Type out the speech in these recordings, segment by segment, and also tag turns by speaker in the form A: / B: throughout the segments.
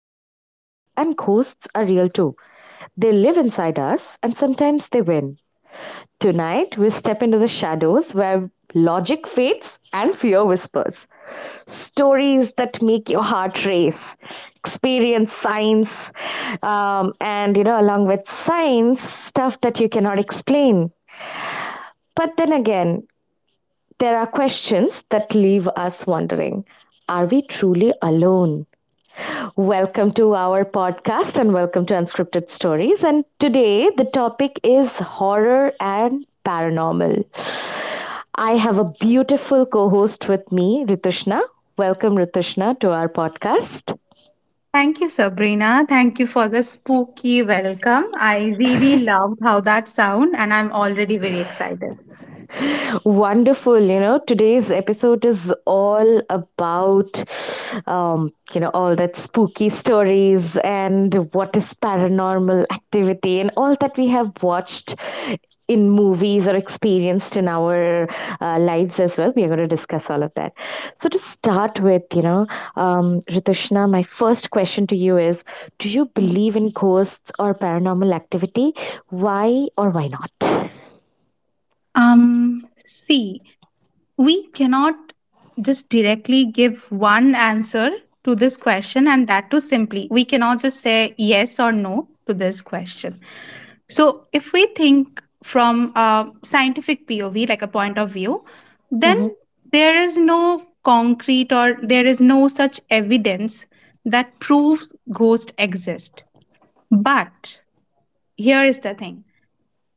A: are real and ghosts are real too. They live inside us and sometimes they win. Tonight, we step into the shadows where logic fades and fear whispers. Stories that make your heart race, experience science, along with science, stuff that you cannot explain. But then again, there are questions that leave us wondering. Are we truly alone? Welcome to our podcast and welcome to Unscripted Stories. And today the topic is horror and paranormal. I have a beautiful co host with me, Ritushna. Welcome, Ritushna, to our podcast.
B: Thank you, Sabrina. Thank you for the spooky welcome. I really love how that sound, and I'm already very excited.
A: Wonderful. Today's episode is all about, all that spooky stories and what is paranormal activity and all that we have watched in movies or experienced in our lives as well. We are going to discuss all of that. So, to start with, Ritushna, my first question to you is: do you believe in ghosts or paranormal activity? Why or why not?
B: See, we cannot just directly give one answer to this question, and that too simply. We cannot just say yes or no to this question. So, if we think from a scientific POV, like a point of view, then
A: Mm-hmm.
B: there is no concrete, or there is no such evidence that proves ghosts exist. But here is the thing,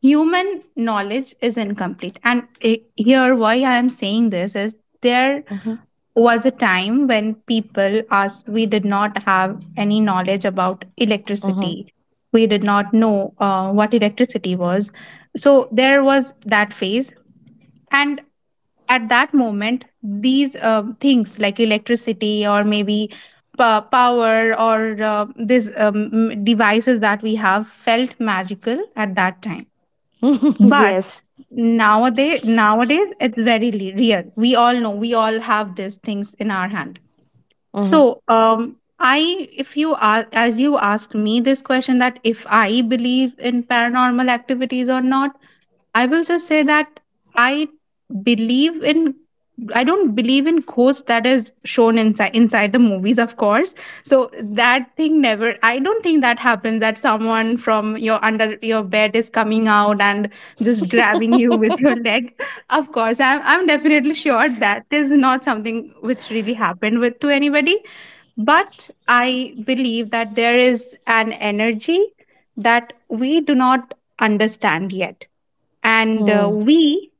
B: human knowledge is incomplete. And here, why I am saying this is there
A: Mm-hmm.
B: was a time when people us we did not have any knowledge about electricity. We did not know what electricity was. So there was that phase. And at that moment, these things like electricity, or maybe power, or these devices that we have, felt magical at that time.
A: Yes.
B: But nowadays it's very real. We all know, we all have these things in our hand.
A: Mm-hmm.
B: So, if you are, as you asked me this question, that if I believe in paranormal activities or not, I will just say that I believe in. I don't believe in ghosts that is shown inside the movies, of course. So that thing never. I don't think that happens. That someone from your under your bed is coming out and just grabbing you with your leg. Of course, I'm definitely sure that is not something which really happened with to anybody. But I believe that there is an energy that we do not understand yet. And
A: Mm-hmm.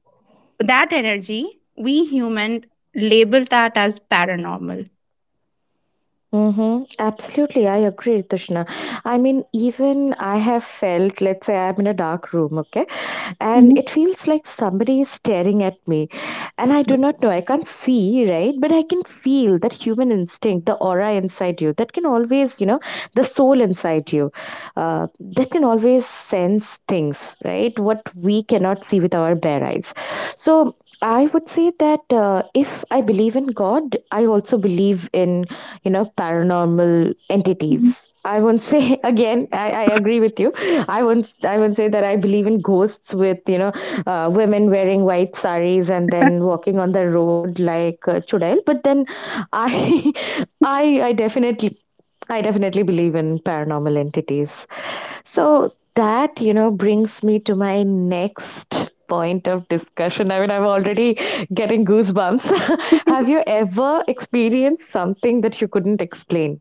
B: that energy, we human label that as paranormal.
A: Mm-hmm. Absolutely. I agree, Tushna. I mean, even I have felt, let's say I'm in a dark room, okay? And
B: Mhm.
A: it feels like somebody is staring at me. And I do not know. I can't see, right? But I can feel that human instinct, the aura inside you, that can always, the soul inside you, uh, that can always sense things, right? What we cannot see with our bare eyes. So I would say that if I believe in God, I also believe in, paranormal entities. I won't say. Again, I agree with you. I won't. I won't say that I believe in ghosts with women wearing white saris and then walking on the road like chudail. But then, I I I definitely I definitely believe in paranormal entities. So that, brings me to my next point of discussion. I mean, I'm already getting goosebumps. Have you ever experienced something that you couldn't explain?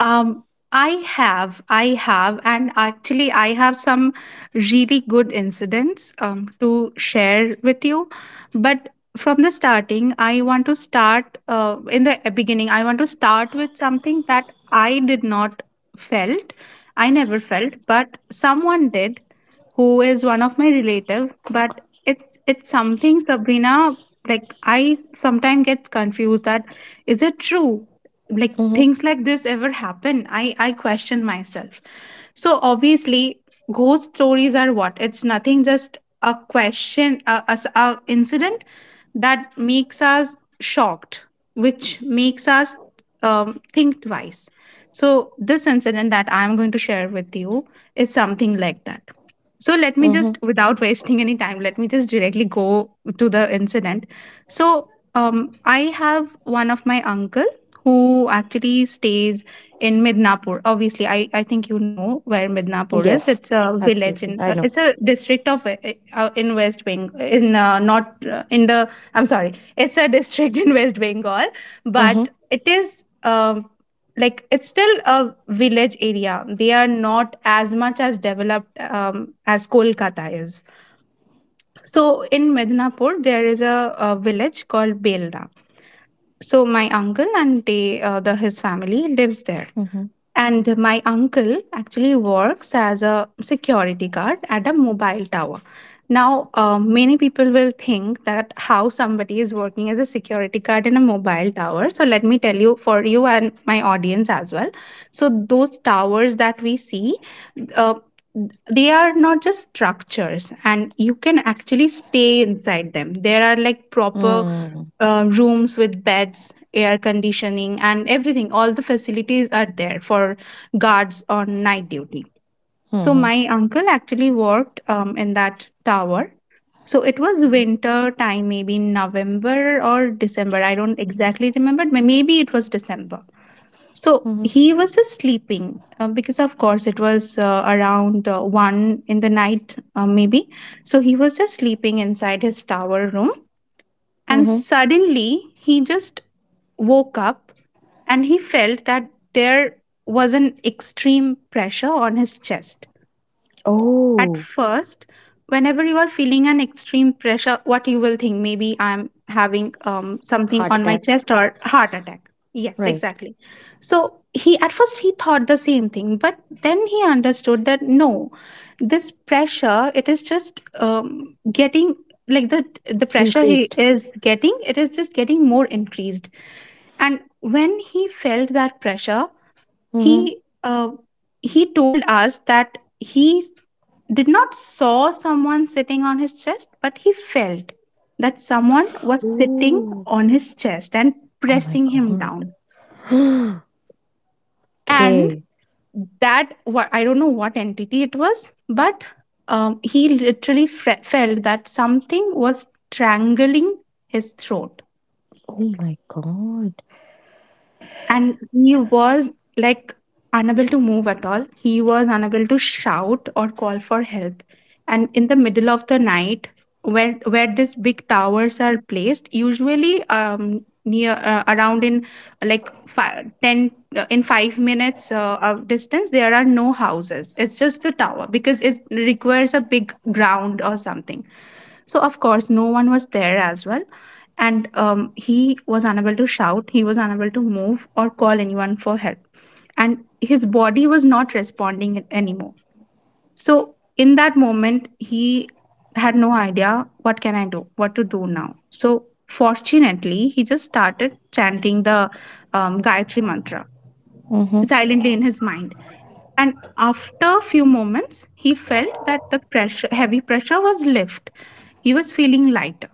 B: Um, and actually, I have some really good incidents to share with you. But from the starting, I want to start in the beginning. I want to start with something that I did not felt. I never felt, but someone did, who is one of my relative, but it's something, Sabrina. Like, I sometimes get confused that is it true, like,
A: Mm-hmm.
B: things like this ever happen? I question myself. So obviously, ghost stories are what? It's nothing, just a question, a incident that makes us shocked, which makes us think twice. So this incident that I'm going to share with you is something like that. So let me
A: Mm-hmm.
B: just, without wasting any time, let me just directly go to the incident. So I have one of my uncle who actually stays in Midnapur. Obviously, I think you know where Midnapur is.
A: Yes,
B: It's a village
A: absolutely.
B: in
A: I know.
B: it's a district of in West Bengal in not in the I'm sorry. It's a district in West Bengal,
A: Mm-hmm.
B: but it is, like, it's still a village area. They are not as much as developed, as Kolkata is. So in Midnapur, there is a village called Belna. So my uncle and they, the his family lives there.
A: Mm-hmm.
B: And my uncle actually works as a security guard at a mobile tower. Now, many people will think that how somebody is working as a security guard in a mobile tower. So, let me tell you, for you and my audience as well. So, those towers that we see, uh, they are not just structures, and you can actually stay inside them. There are, like, proper rooms with beds, air conditioning, and everything. All the facilities are there for guards on night duty. So
A: Mm-hmm. Mm-hmm.
B: my uncle actually worked in that tower. So it was winter time, maybe in November or December. I don't exactly remember, but maybe it was December. So
A: Mm-hmm.
B: he was just sleeping, because of course it was around 1 in the night, maybe. So he was just sleeping inside his tower room, and
A: Mm-hmm.
B: suddenly he just woke up. And he felt that there was an extreme pressure on his chest. At
A: Oh,
B: first, whenever you are feeling an extreme pressure, what you will think? Maybe I'm having something
A: heart
B: on my
A: attack.
B: chest, or heart attack, yes,
A: Right.
B: exactly. So he at first he thought the same thing, but then he understood that no, this pressure, it is just um, getting, like, the pressure he
A: Increased.
B: is getting, it is just getting more increased. And when he felt that pressure,
A: Mm-hmm.
B: he uh, he told us that he did not saw someone sitting on his chest, but he felt that someone was sitting
A: Ooh.
B: on his chest and
A: Oh my
B: pressing him down.
A: God.
B: And
A: Okay.
B: that, what? I don't know what entity it was, but he literally felt that something was strangling his throat.
A: Oh my god.
B: And he was, like, unable to move at all. He was unable to shout or call for help. And in the middle of the night, where these big towers are placed, usually near, around, in like 5 to 10, in 5 minutes of distance, there are no houses. It's just the tower, because it requires a big ground or something. So of course no one was there as well. And he was unable to shout, he was unable to move or call anyone for help, and his body was not responding anymore. So in that moment, he had no idea what can I do, what to do now. So fortunately, he just started chanting the Gayatri Mantra
A: Mhm.
B: silently in his mind. And after a few moments, he felt that the pressure, heavy pressure, was lifted. He was feeling lighter.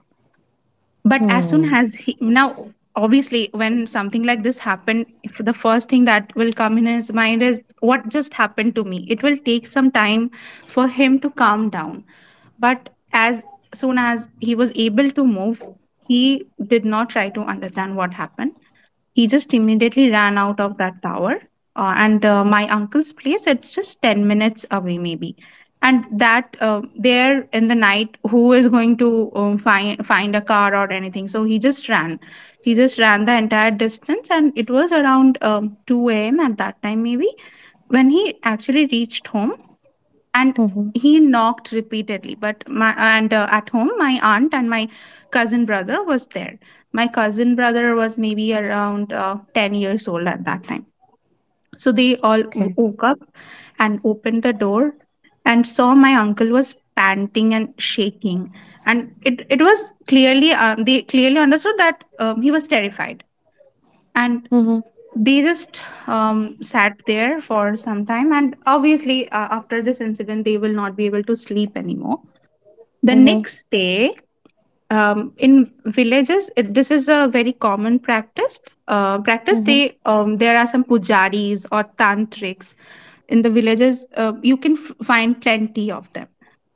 B: But as soon
A: Hmm.
B: as he, now, obviously, when something like this happened, if the first thing that will come in his mind is what just happened to me. It will take some time for him to calm down. But as soon as he was able to move, he did not try to understand what happened. He just immediately ran out of that tower. And my uncle's place, it's just 10 minutes away, maybe. And that, there in the night, who is going to find a car or anything? So he just ran. He just ran the entire distance, and it was around 2 a.m. at that time, maybe. When he actually reached home, and
A: Mhm.
B: he knocked repeatedly, but my and at home my aunt and my cousin brother was there. My cousin brother was maybe around 10 years old at that time. So they all
A: Okay.
B: woke up and opened the door and saw my uncle was panting and shaking. And it was clearly, they clearly understood that he was terrified. And
A: Mhm.
B: they just sat there for some time. And obviously, after this incident they will not be able to sleep anymore. The
A: Mhm.
B: next day, in villages, it, this is a very common practice, practice.
A: Mhm.
B: They, there are some pujaris or tantrics in the villages, you can find plenty of them.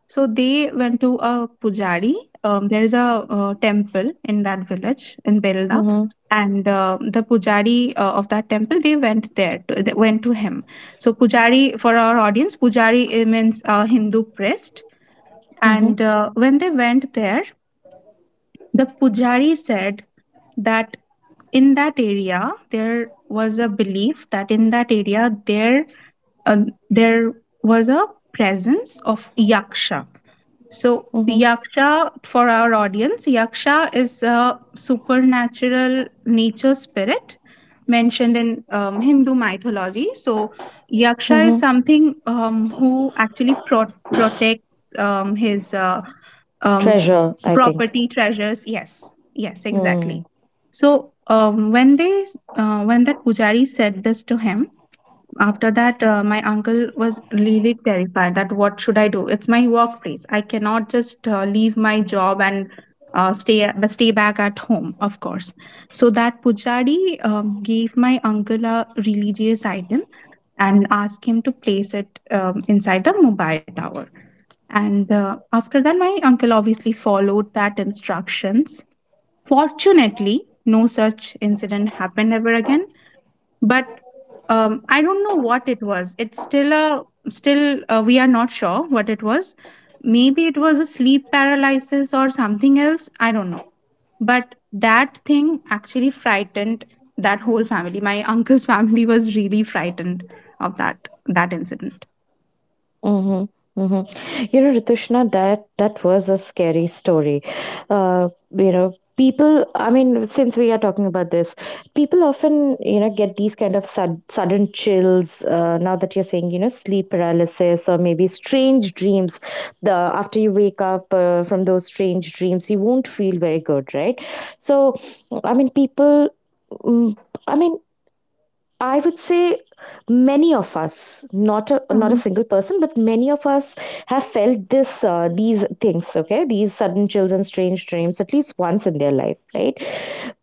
B: So they went to a pujari. There is a temple in that village in Belda,
A: Mhm.
B: and the pujari of that temple, they went there. To, they went to him. So pujari, for our audience, pujari it means Hindu priest.
A: Mhm.
B: And when they went there, the pujari said that in that area there was a belief that in that area there was a presence of Yaksha. So,
A: Mhm.
B: Yaksha, for our audience, Yaksha is a supernatural nature spirit mentioned in Hindu mythology. So, Yaksha is
A: Mhm.
B: something, who actually protects his, um,
A: Treasure, I think.
B: property, treasures. Yes, yes,
A: Hmm.
B: exactly. So, when they, when that pujari said this to him, after that, my uncle was really terrified, that what should I do, it's my workplace, I cannot just leave my job and stay back at home, of course. So that pujari gave my uncle a religious item and asked him to place it inside the mobile tower. And after that, my uncle obviously followed that instructions. Fortunately, no such incident happened ever again. But I don't know what it was, it's still a, still we are not sure what it was. Maybe it was a sleep paralysis or something else, I don't know. But that thing actually frightened that whole family. My uncle's family was really frightened of that incident.
A: Mhm, mhm. You know, Ritushna, that was a scary story. Uh, people. I mean, since we are talking about this, people often get these kind of sudden chills. Now that you're saying, sleep paralysis or maybe strange dreams. The after you wake up from those strange dreams, you won't feel very good, right? So, I mean, people. mm, I mean, I would say many of us, not a
B: Mm-hmm.
A: single person, but many of us have felt this these things. Okay, these sudden chills and strange dreams at least once in their life, right?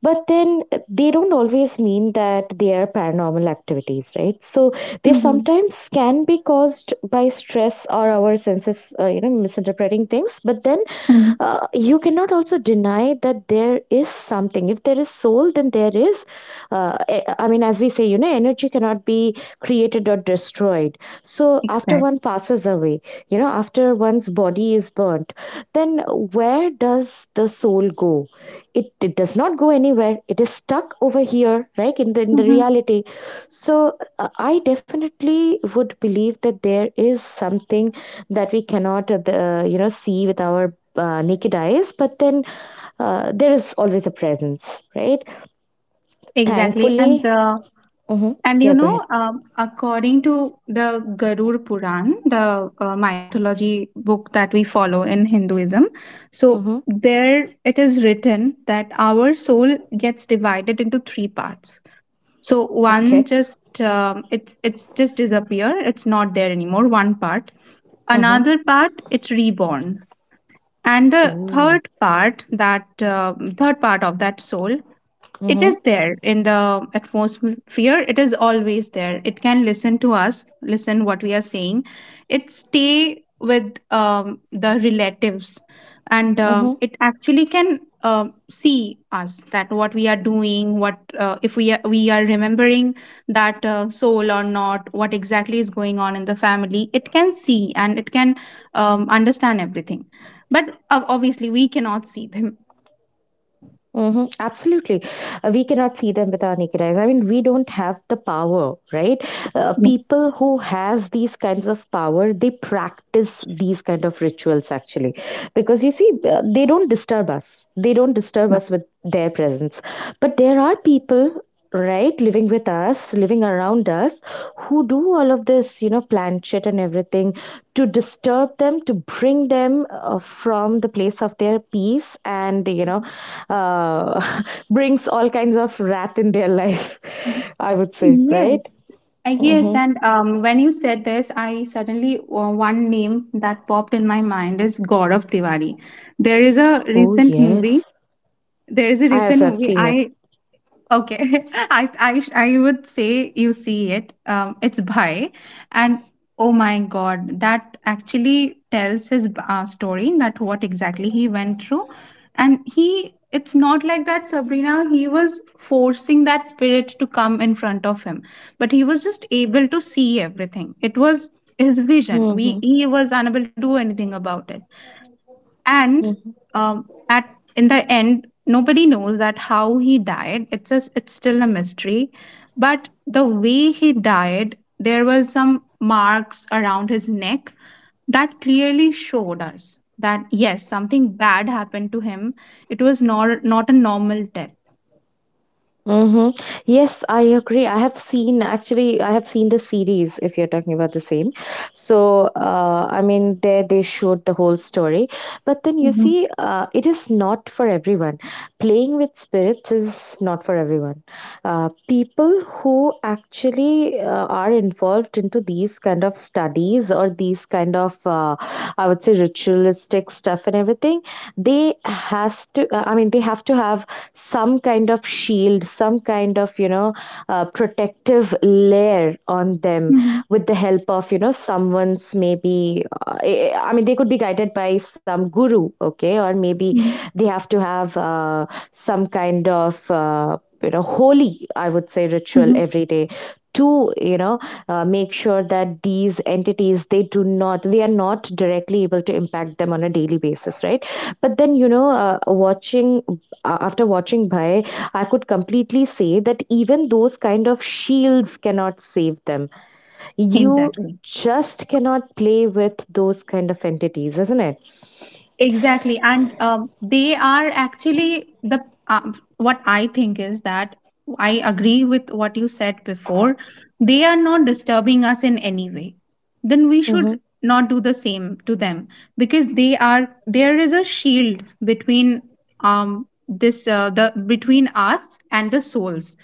A: But then they don't always mean that they are paranormal activities, right? So they
B: Mm-hmm.
A: sometimes can be caused by stress or our senses misinterpreting things. But then you cannot also deny that there is something. If there is soul, then there is I mean, as we say, energy cannot be created or destroyed. So after
B: Exactly.
A: one passes away, after one's body is burnt, then where does the soul go? It does not go anywhere. It is stuck over here, right? In the
B: Mm-hmm.
A: reality. So I definitely would believe that there is something that we cannot see with our naked eyes. But then there is always a presence, right?
B: Exactly. and
A: Thankfully.
B: uh,
A: Mm-hmm.
B: And
A: Yeah,
B: you
A: go
B: know,
A: ahead.
B: according to the Garud Puran, the mythology book that we follow in Hinduism, so
A: Mm-hmm.
B: there it is written that our soul gets divided into three parts. So one
A: Okay.
B: just, it's just disappear; it's not there anymore. One part,
A: Mm-hmm.
B: another part it's reborn, and the
A: Oh.
B: third part, that third part of that soul, it
A: Mm-hmm.
B: is there in the atmosphere. It is always there, it can listen to us, listen what we are saying. It stay with the relatives, and um,
A: Mm-hmm.
B: it actually can um see us, that what we are doing, what if we are remembering that soul or not, what exactly is going on in the family. It can see and it can understand everything. But obviously we cannot see them.
A: Hmm. Absolutely. We cannot see them with our naked eyes. I mean, we don't have the power, right?
B: Yes.
A: People who has these kinds of power, they practice these kind of rituals actually, because you see, they don't disturb us. They don't disturb
B: 嗯。
A: us with their presence. But there are people, right, living with us, living around us, who do all of this, plan shit and everything to disturb them, to bring them from the place of their peace, and uh, brings all kinds of wrath in their life,
B: 嗯。
A: I would say, right?
B: Yes. Yes,
A: Hmm.
B: and when you said this, I suddenly one name that popped in my mind is Gaurav Tiwari. There is a
A: Oh
B: recent movie.
A: yes.
B: There is a
A: i
B: recent
A: have, i have
B: movie.
A: seen it.
B: I. Okay, I would say you see it. It's Bhai, and oh my God, that actually tells his story, that what exactly he went through. And he. It's not like that, Sabrina. He was forcing that spirit to come in front of him, but he was just able to see everything. It was his vision. We,
A: Hmm.
B: he was unable to do anything about it. And at, in the end, nobody knows that how he died. It's just, it's still a mystery, but the way he died, there was some marks around his neck that clearly showed us that yes, something bad happened to him. It was not a normal death.
A: Mhm. Yes, I agree. I have seen, actually. I have seen the series, if you're talking about the same. So, I mean, there they showed the whole story. But then you
B: Mhm,
A: see, it is not for everyone. Playing with spirits is not for everyone. People who actually are involved into these kind of studies or these kind of, I would say, ritualistic stuff and everything, they has to, I mean, they have to have some kind of shield, some kind of, protective layer on them
B: mhm,
A: with the help of, someone's maybe, I mean, they could be guided by some guru, okay, or maybe
B: mhm,
A: they have to have some kind of, holy, I would say, ritual
B: mhm.
A: every day to make sure that these entities they do not, they are not directly able to impact them on a daily basis, right? But then watching after watching Bhai, I could completely say that even those kind of shields cannot save them. You
B: Exactly.
A: just cannot play with those kind of entities, isn't it?
B: Exactly. And they are actually the what I think is that I agree with what you said before. They are not disturbing us in any way. Then we
A: Mm-hmm,
B: should not do the same to them, because they are, there is a shield between this the, between us and the souls.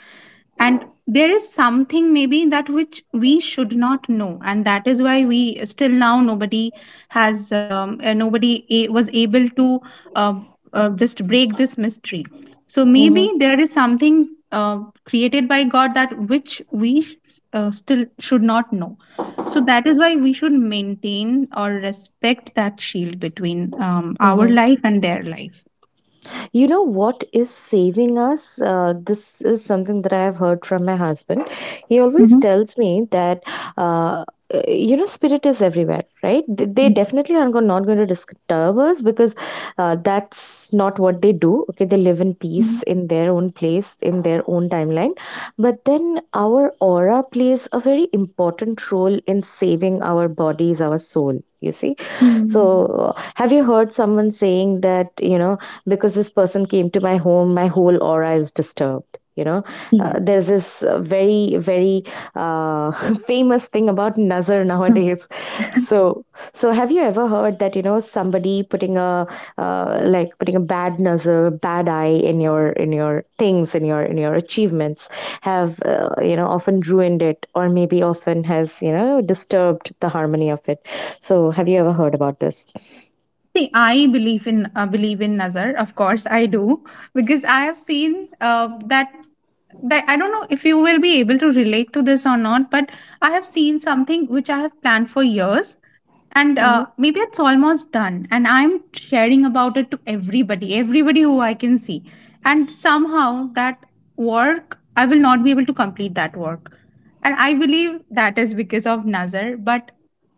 B: And there is something maybe that which we should not know, and that is why we still now, nobody has nobody was able to uh, just break this mystery. So maybe
A: mm-hmm.
B: there is something created by God that which we still should not know. So that is why we should maintain or respect that shield between our life and their life.
A: You know what is saving us? This is something that I have heard from my husband. He always
B: Hmm.
A: tells me that, uh, spirit is everywhere, right? They
B: Yes.
A: definitely are not going to disturb us because that's not what they do. Okay, they live in
B: Mhm.
A: peace in their own place, in their own timeline. But then our aura plays a very important role in saving our bodies, our soul, you see.
B: Mm.
A: So, have you heard someone saying that, because this person came to my home, my whole aura is disturbed?
B: Yes.
A: There's this very uh, famous thing about nazar nowadays.
B: Mm.
A: So, so have you ever heard that, somebody putting a like putting a bad nazar, bad eye in your things, in your achievements, have often ruined it, or maybe often has disturbed the harmony of it. So, have you ever heard about this?
B: See, I believe in believe in Nazar. Of course, I do, because I have seen that. But I don't know if you will be able to relate to this or not, but I have seen something which I have planned for years, and
A: Hmm.
B: maybe it's almost done, and I'm sharing about it to everybody, everybody who I can see, and somehow that work, I will not be able to complete that work. And I believe that is because of Nazar. But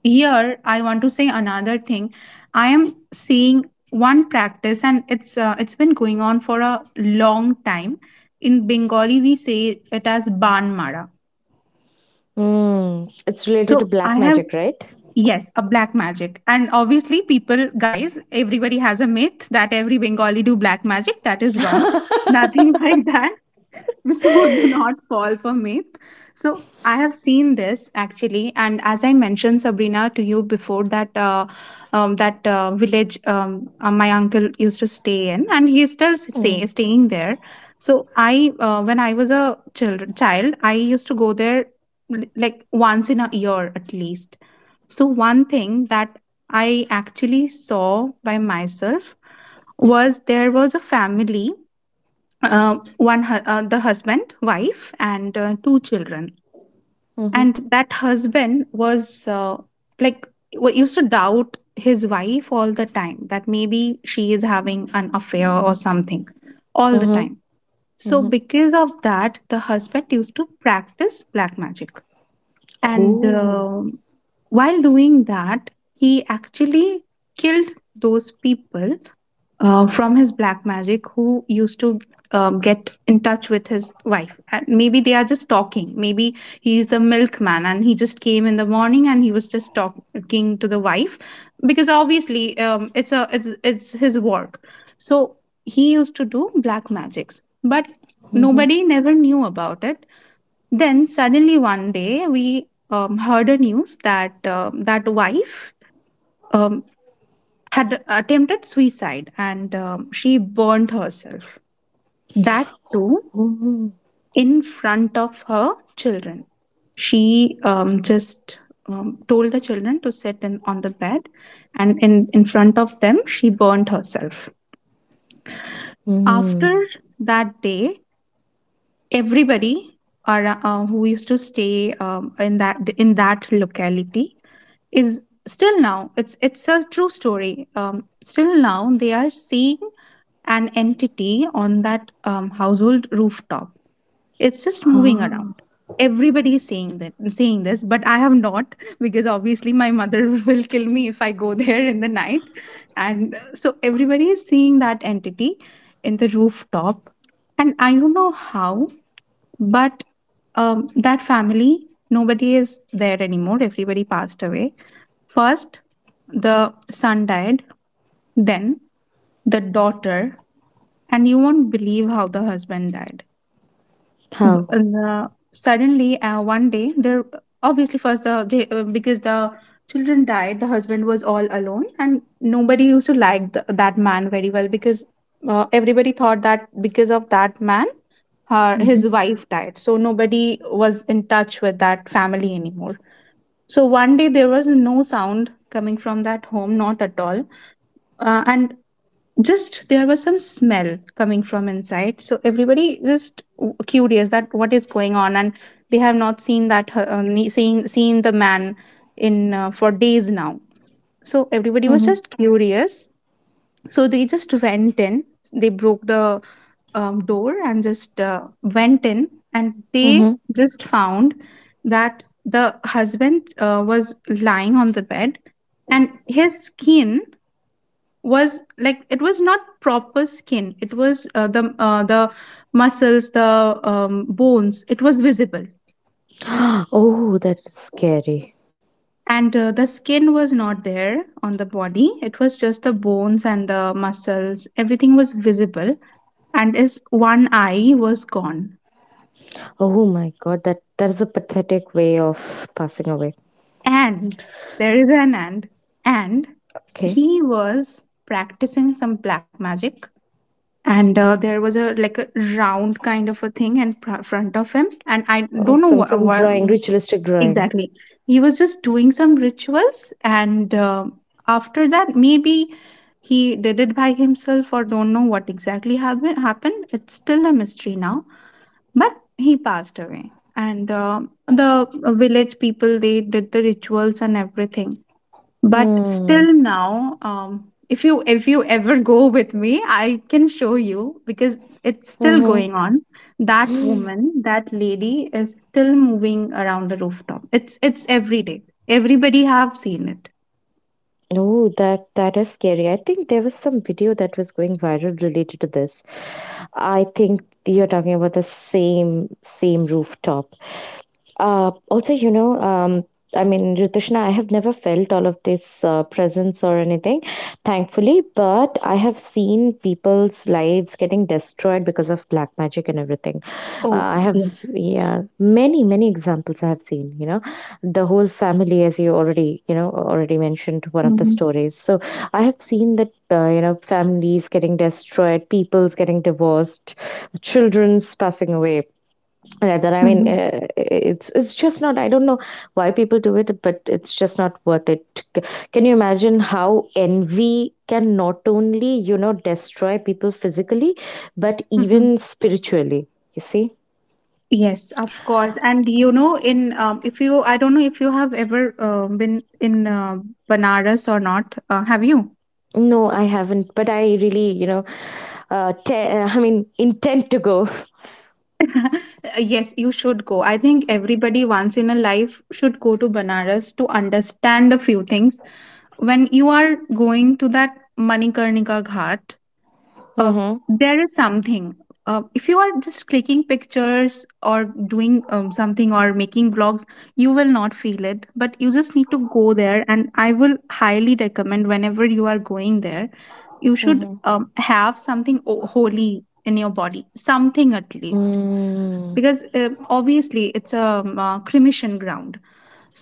B: here I want to say another thing. I am seeing one practice, and it's been going on for a long time. In Bengali we say it as ban mara.
A: Mm, it's related to
B: So I
A: black
B: have.
A: magic, right?
B: Yes, a black magic. And obviously, people, guys, everybody has a myth that every Bengali do black magic. That is wrong. Nothing like that. So do not fall for myth. So I have seen this actually, and as I mentioned, Sabrina, to you before that, that village my uncle used to stay in, and he is still
A: Mm,
B: staying there. So I, when I was a child, I used to go there, like once in a year at least. So, one thing that I actually saw by myself was, there was a family, the husband, wife, and two children.
A: mhm,
B: And that husband was like, used to doubt his wife all the time, that maybe she is having an affair or something, all the
A: mhm,
B: time. So,
A: mhm.
B: because of that, the husband used to practice black magic, and
A: Oh.
B: um, while doing that, he actually killed those people from his black magic, who used to get in touch with his wife. And maybe they are just talking. Maybe he's the milkman and he just came in the morning, and he was just talking to the wife, because obviously it's a, it's his work. So he used to do black magics, but
A: Mhm,
B: nobody never knew about it. Then suddenly one day we heard a news that um, that wife um, had attempted suicide, and she burned herself. That too
A: mhm,
B: in front of her children. She just told the children to sit on the bed, and in front of them she burned herself.
A: mhm.
B: After that day, everybody who used to stay in that, in that locality, is still now, it's a true story still now they are seeing an entity on that household rooftop. It's just moving
A: Ah.
B: around. Everybody is saying that, saying this, but I have not, because obviously my mother will kill me if I go there in the night. And so everybody is seeing that entity in the rooftop, and I don't know how, but that family, nobody is there anymore. Everybody passed away. First, the son died, then the daughter, and you won't believe how the husband died. B-
A: How?
B: and, suddenly, one day, there, obviously first the because the children died, the husband was all alone, and nobody used to like that man very well, because everybody thought that because of that man, her
A: Mm-hmm.
B: his wife died, so nobody was in touch with that family anymore. So one day there was no sound coming from that home, not at all. Uh, and just there was some smell coming from inside, so everybody just curious that what is going on, and they have not seen seen the man in for days now, so everybody was
A: Mm-hmm.
B: just curious. So they just went in. They broke the door and just went in, and they
A: Mm-hmm.
B: just found that the husband was lying on the bed, and his skin was like, it was not proper skin. It was the muscles, the bones. It was visible.
A: Oh, that is scary.
B: And the skin was not there on the body. It was just the bones and the muscles. Everything was visible, and his one eye was gone.
A: Oh my god, that that is a pathetic way of passing away.
B: And there is an and. And
A: Okay.
B: he was practicing some black magic. And there was a, like a round kind of a thing in front of him. And I
A: Oh,
B: don't know
A: some
B: what
A: drawing, ritualistic drawing.
B: exactly. He was just doing some rituals. And after that, maybe he did it by himself or don't know what exactly happened. It's still a mystery now, but he passed away. And the village people, they did the rituals and everything, but
A: Hmm.
B: still now if you, if you ever go with me, I can show you, because it's still
A: Mm-hmm.
B: going on. That woman, that lady is still moving around the rooftop. It's every day, everybody have seen it.
A: Oh, that that is scary. I think there was some video that was going viral related to this. I think you're talking about the same rooftop. Also, I mean, Ritushna, I have never felt all of this presence or anything, thankfully, but I have seen people's lives getting destroyed because of black magic and everything.
B: Oh
A: I have,
B: yes.
A: yeah, many, many examples I have seen, the whole family, as you already, already mentioned one of the
B: Mhm.
A: stories. So I have seen that, families getting destroyed, people's getting divorced, children's passing away rather.
B: Mhm,
A: It's just not. I don't know why people do it, but it's just not worth it. C- can you imagine how envy can not only destroy people physically, but
B: mhm.
A: even spiritually, you see?
B: Yes, of course. And you know, in if you, I don't know if you have ever been in Banaras or not. Have you?
A: No, I haven't, but I really uh, te- I mean intend to go.
B: Yes, you should go. I think everybody once in a life should go to Banaras to understand a few things. When you are going to that Manikarnika Ghat, uh,
A: Mhm.
B: there is something. If you are just clicking pictures or doing something, or making vlogs, you will not feel it. But you just need to go there, and I will highly recommend, whenever you are going there, you should
A: Mhm.
B: have something holy in your body, something at least,
A: Mm.
B: because obviously it's a cremation ground.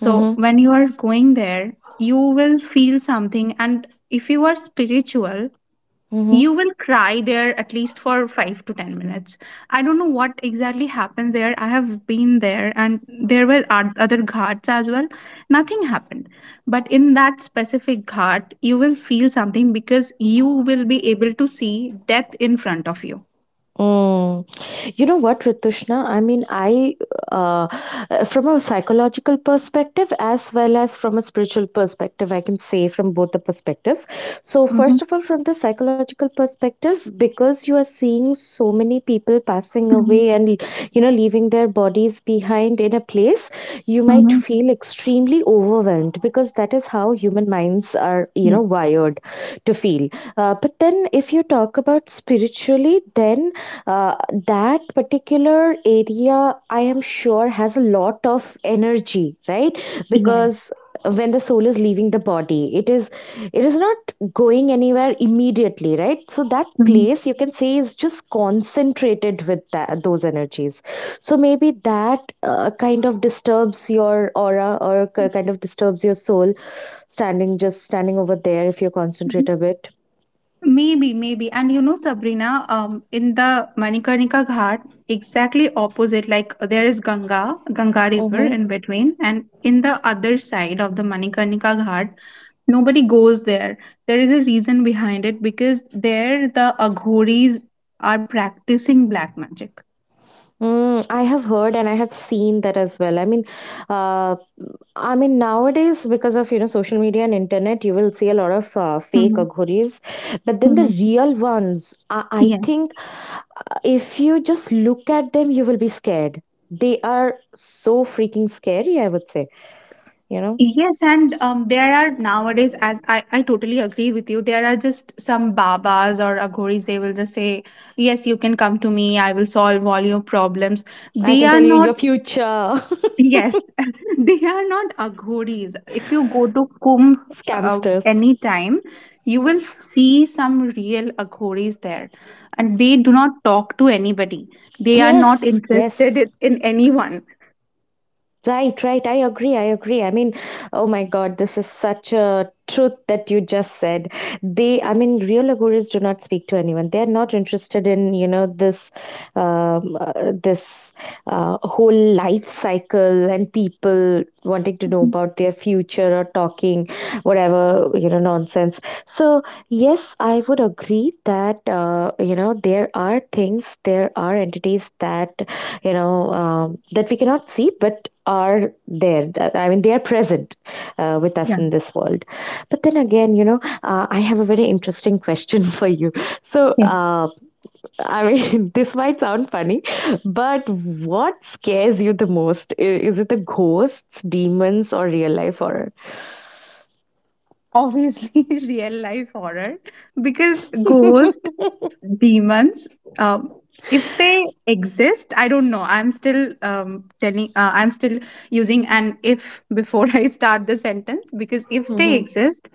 A: Mhm. Mhm.
B: when you are going there, you will feel something, and if you are spiritual,
A: Mhm.
B: you will cry there at least for 5 to 10 minutes. I don't know what exactly happened there. I have been there, and there were other ghats as well, nothing happened. But in that specific ghat you will feel something, because you will be able to see death in front of you.
A: You know what, Ritushna? Uh, from a psychological perspective as well as from a spiritual perspective, I can say from both the perspectives. So, first
B: Mm-hmm.
A: of all, from the psychological perspective, because you are seeing so many people passing
B: Mm-hmm.
A: away and, leaving their bodies behind in a place, you might
B: Mm-hmm.
A: feel extremely overwhelmed because that is how human minds are,
B: Yes.
A: wired to feel. But then, if you talk about spiritually, then uh, that particular area, I am sure, has a lot of energy, right?
B: Yes.
A: Because when the soul is leaving the body, it is not going anywhere immediately, right? So that
B: Mm-hmm.
A: place you can say is just concentrated with that, those energies. So maybe that kind of disturbs your aura or kind of disturbs your soul, standing just standing over there if you concentrate a bit.
B: Maybe, maybe. And you know, Sabrina, in the Manikarnika Ghat, exactly opposite, like there is Ganga, Ganga River
A: Mhm.
B: in between, and in the other side of the Manikarnika Ghat, nobody goes there. There is a reason behind it, because there the Aghoris are practicing black magic.
A: Mm, I have heard and I have seen that as well. Uh, I mean, nowadays because of social media and internet, you will see a lot of fake
B: Mhm,
A: aghuris, but then the
B: mhm.
A: real ones, I think
B: Yes.
A: if you just look at them, you will be scared. They are so freaking scary. I would say, you know,
B: Yes, and there are nowadays, as I totally agree with you, there are just some babas or agoris, they will just say, Yes, you can come to me, I will solve all your problems.
A: I
B: They
A: can
B: are
A: tell you
B: not,
A: your future
B: yes, they are not agoris. If you go to Kumbh
A: scamsters.
B: anytime, you will see some real agoris there, and they do not talk to anybody, they are
A: Yes,
B: not
A: yes.
B: interested in anyone.
A: Right, right. I agree. I agree. I mean, oh my God, this is such a truth that you just said. Real Aguris do not speak to anyone. They are not interested in, you know, this whole life cycle and people wanting to know
B: Mhm.
A: about their future or talking, whatever, you know, nonsense. So yes, I would agree that you know, there are things, there are entities that that we cannot see, but are there. They are present with us
B: Yeah,
A: in this world. But then again, you know, I have a very interesting question for you. So,
B: yes.
A: uh, I mean, this might sound funny, but what scares you the most? Is it the ghosts, demons, or real life horror?
B: Obviously, real life horror, because ghost, demons, um if they exist, I don't know. I'm still telling, I'm still using an if before I start the sentence, because if they
A: Hmm.
B: exist,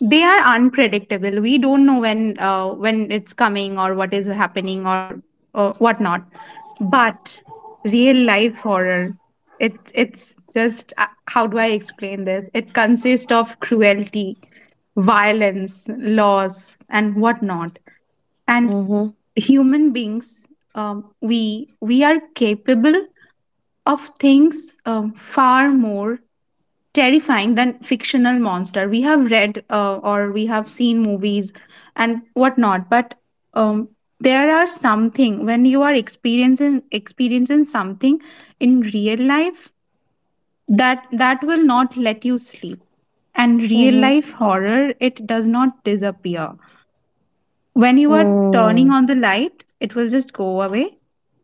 B: they are unpredictable. We don't know when it's coming or what is happening or whatnot. But real life horror, it's just how do I explain this? It consists of cruelty, violence, loss, and whatnot. And
A: Mm-hmm.
B: human beings, we are capable of things, far more terrifying than fictional monster we have read, or we have seen movies and whatnot, but um, there are something when you are experiencing something in real life, that will not let you sleep. And real
A: Mm-hmm.
B: life horror, it does not disappear when you are
A: Mm-hmm.
B: turning on the light, it will just go away.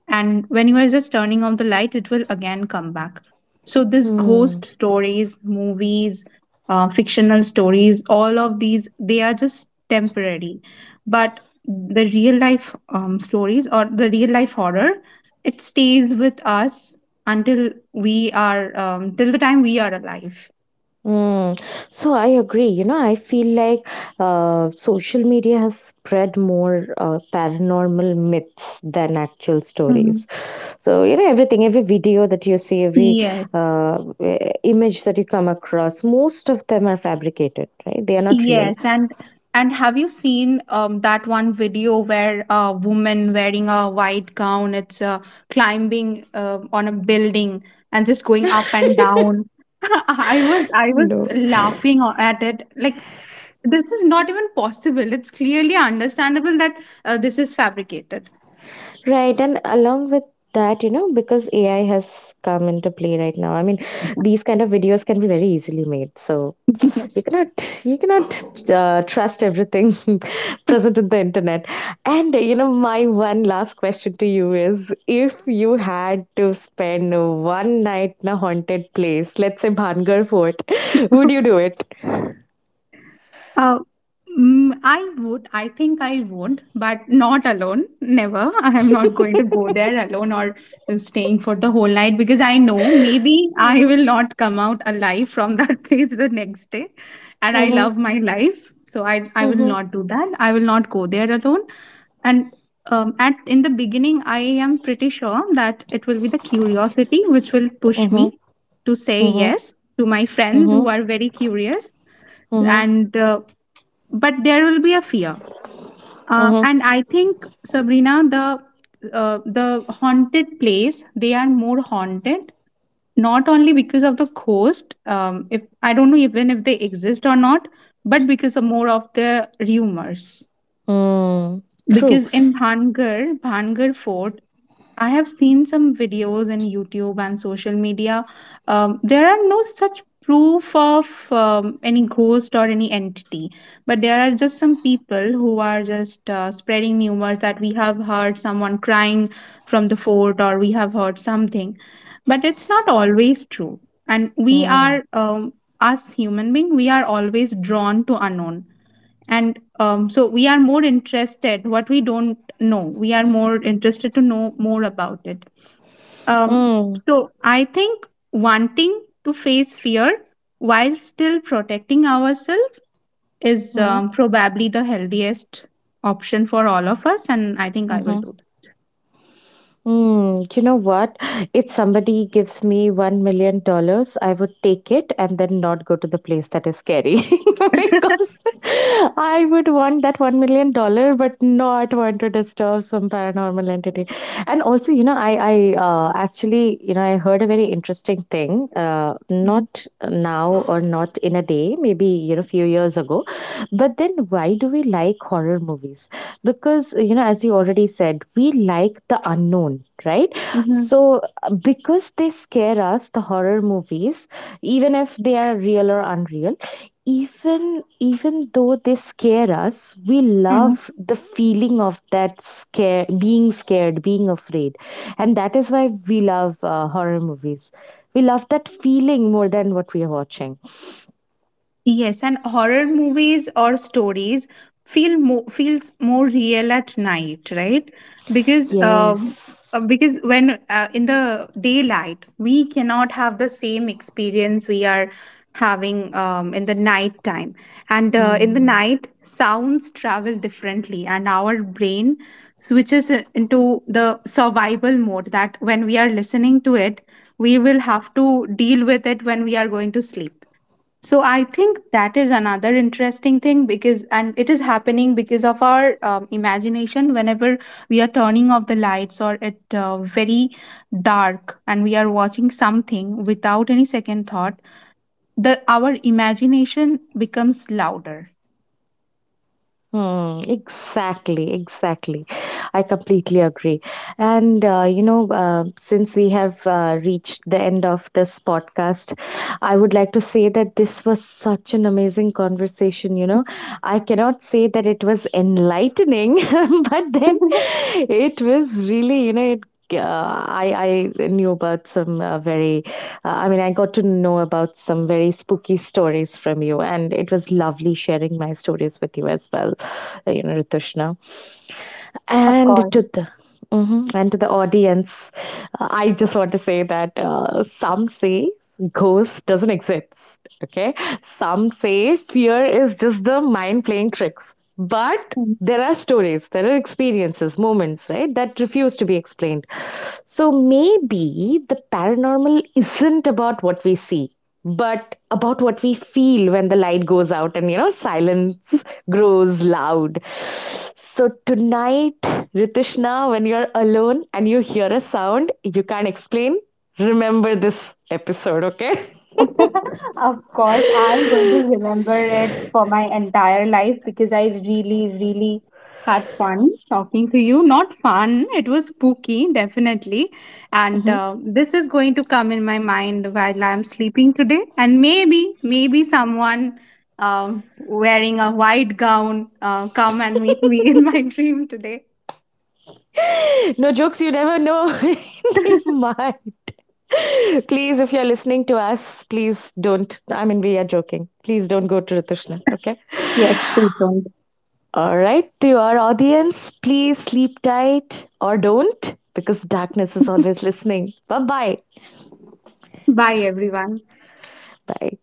B: And when you are just turning on the light, it will again come back. So, this ghost stories, movies, fictional stories, all of these, they are just temporary. But the real life stories or the real life horror, it stays with us until we are, till the time we are alive.
A: Mm. So I agree. You know, I feel like social media has spread more paranormal myths than actual stories.
B: Mhm.
A: So, you know, everything, every video that you see, every
B: Yes.
A: image that you come across, most of them are fabricated, right? They are not real.
B: Yes, and have you seen that one video where a woman wearing a white gown, it's climbing on a building and just going up and down? I was
A: No.
B: laughing at it. Like, this is not even possible. It's clearly understandable that this is fabricated.
A: Right, and along with that, you know, because AI has come into play right now, I mean, these kind of videos can be very easily made. So you
B: Yes.
A: cannot you cannot trust everything present in the internet. And you know, my one last question to you is, if you had to spend one night in a haunted place, let's say Bhangar Fort, would you do it?
B: Uh, I would. I think I would, but not alone. Never. I am not going to go there alone or staying for the whole night, because I know maybe I
A: Mm-hmm,
B: will not come out alive from that place the next day. And I
A: mm-hmm,
B: love my life, so I will
A: mm-hmm,
B: not do that. I will not go there alone. And at in the beginning, I am pretty sure that it will be the curiosity which will push me
A: mm-hmm,
B: to say
A: mm-hmm,
B: yes to my friends
A: mm-hmm,
B: who are very curious,
A: mm-hmm,
B: and but there will be a fear, and
A: mm-hmm.
B: I think Sabrina, the haunted place, they are more haunted not only because of the ghost, if I don't know even if they exist or not, but because of more of the rumors.
A: Mm, true.
B: Because in Bhangar, Bhangar Fort, I have seen some videos in YouTube and social media. There are no such proof of any ghost or any entity, but there are just some people who are just spreading rumors that we have heard someone crying from the fort or we have heard something. But it's not always true. And we
A: Mm,
B: are, us human being, we are always drawn to unknown. And so we are more interested what we don't know. We are more interested to know more about it. um,
A: mm,
B: so I think wanting to face fear while still protecting ourselves is,
A: mm-hmm,
B: probably the healthiest option for all of us, and I think I will
A: mm-hmm.
B: do
A: Mm, you know what? If somebody gives me $1 million, I would take it and then not go to the place that is scary
B: that.
A: because I would want that $1 million, but not want to disturb some paranormal entity. And also, you know, I actually, you know, I heard a very interesting thing. Not now or not in a day, maybe you know, few years ago. But then, why do we like horror movies? Because you know, as you already said, we like the unknown, right?
B: Mhm.
A: So because they scare us, the horror movies, even if they are real or unreal, even though they scare us, we
B: Mhm.
A: love the feeling of that scare, being scared, being afraid. And that is why we love horror movies. We love that feeling more than what we are watching.
B: Yes, and horror movies or stories feels more real at night, right? Because um,
A: Yes.
B: because when, in the daylight we cannot have the same experience we are having in the night time, and in the
A: Mm.
B: night sounds travel differently, and our brain switches into the survival mode. That when we are listening to it, we will have to deal with it when we are going to sleep. So I think that is another interesting thing, because, and it is happening because of our imagination. Whenever we are turning off the lights or it very dark, and we are watching something without any second thought, the our imagination becomes louder.
A: Hmm, exactly, exactly. I completely agree. And, you know, since we have reached the end of this podcast, I would like to say that this was such an amazing conversation. You know, I cannot say that it was enlightening, but then it was really, you know, it. I knew about some I got to know about some very spooky stories from you, and it was lovely sharing my stories with you as well, you know, Ritushna.
B: Of
A: And to
B: course.
A: the mhm, and to the audience, I just want to say that some say ghost doesn't exist. Okay, some say fear is just the mind playing tricks, but there are stories, there are experiences, moments, right, that refuse to be explained. So maybe the paranormal isn't about what we see but about what we feel when the light goes out and, you know, silence grows loud. So tonight, Ritishna, when you're alone and you hear a sound you can't explain, remember this episode. Okay.
B: Of course, I'm going to remember it for my entire life because I really, really had fun talking to you. Not fun, it was spooky, definitely. And
A: Hmm.
B: this is going to come in my mind while I'm sleeping today. And maybe, maybe someone wearing a white gown come and meet me in my dream today.
A: No jokes, you never know. They might. Please, if you're listening to us, please don't. I mean, we are joking. Please don't go to Ritishna. Okay.
B: Yes, please don't.
A: All right, to your audience, please sleep tight, or don't, because darkness is always listening. Bye bye.
B: Bye, everyone.
A: Bye.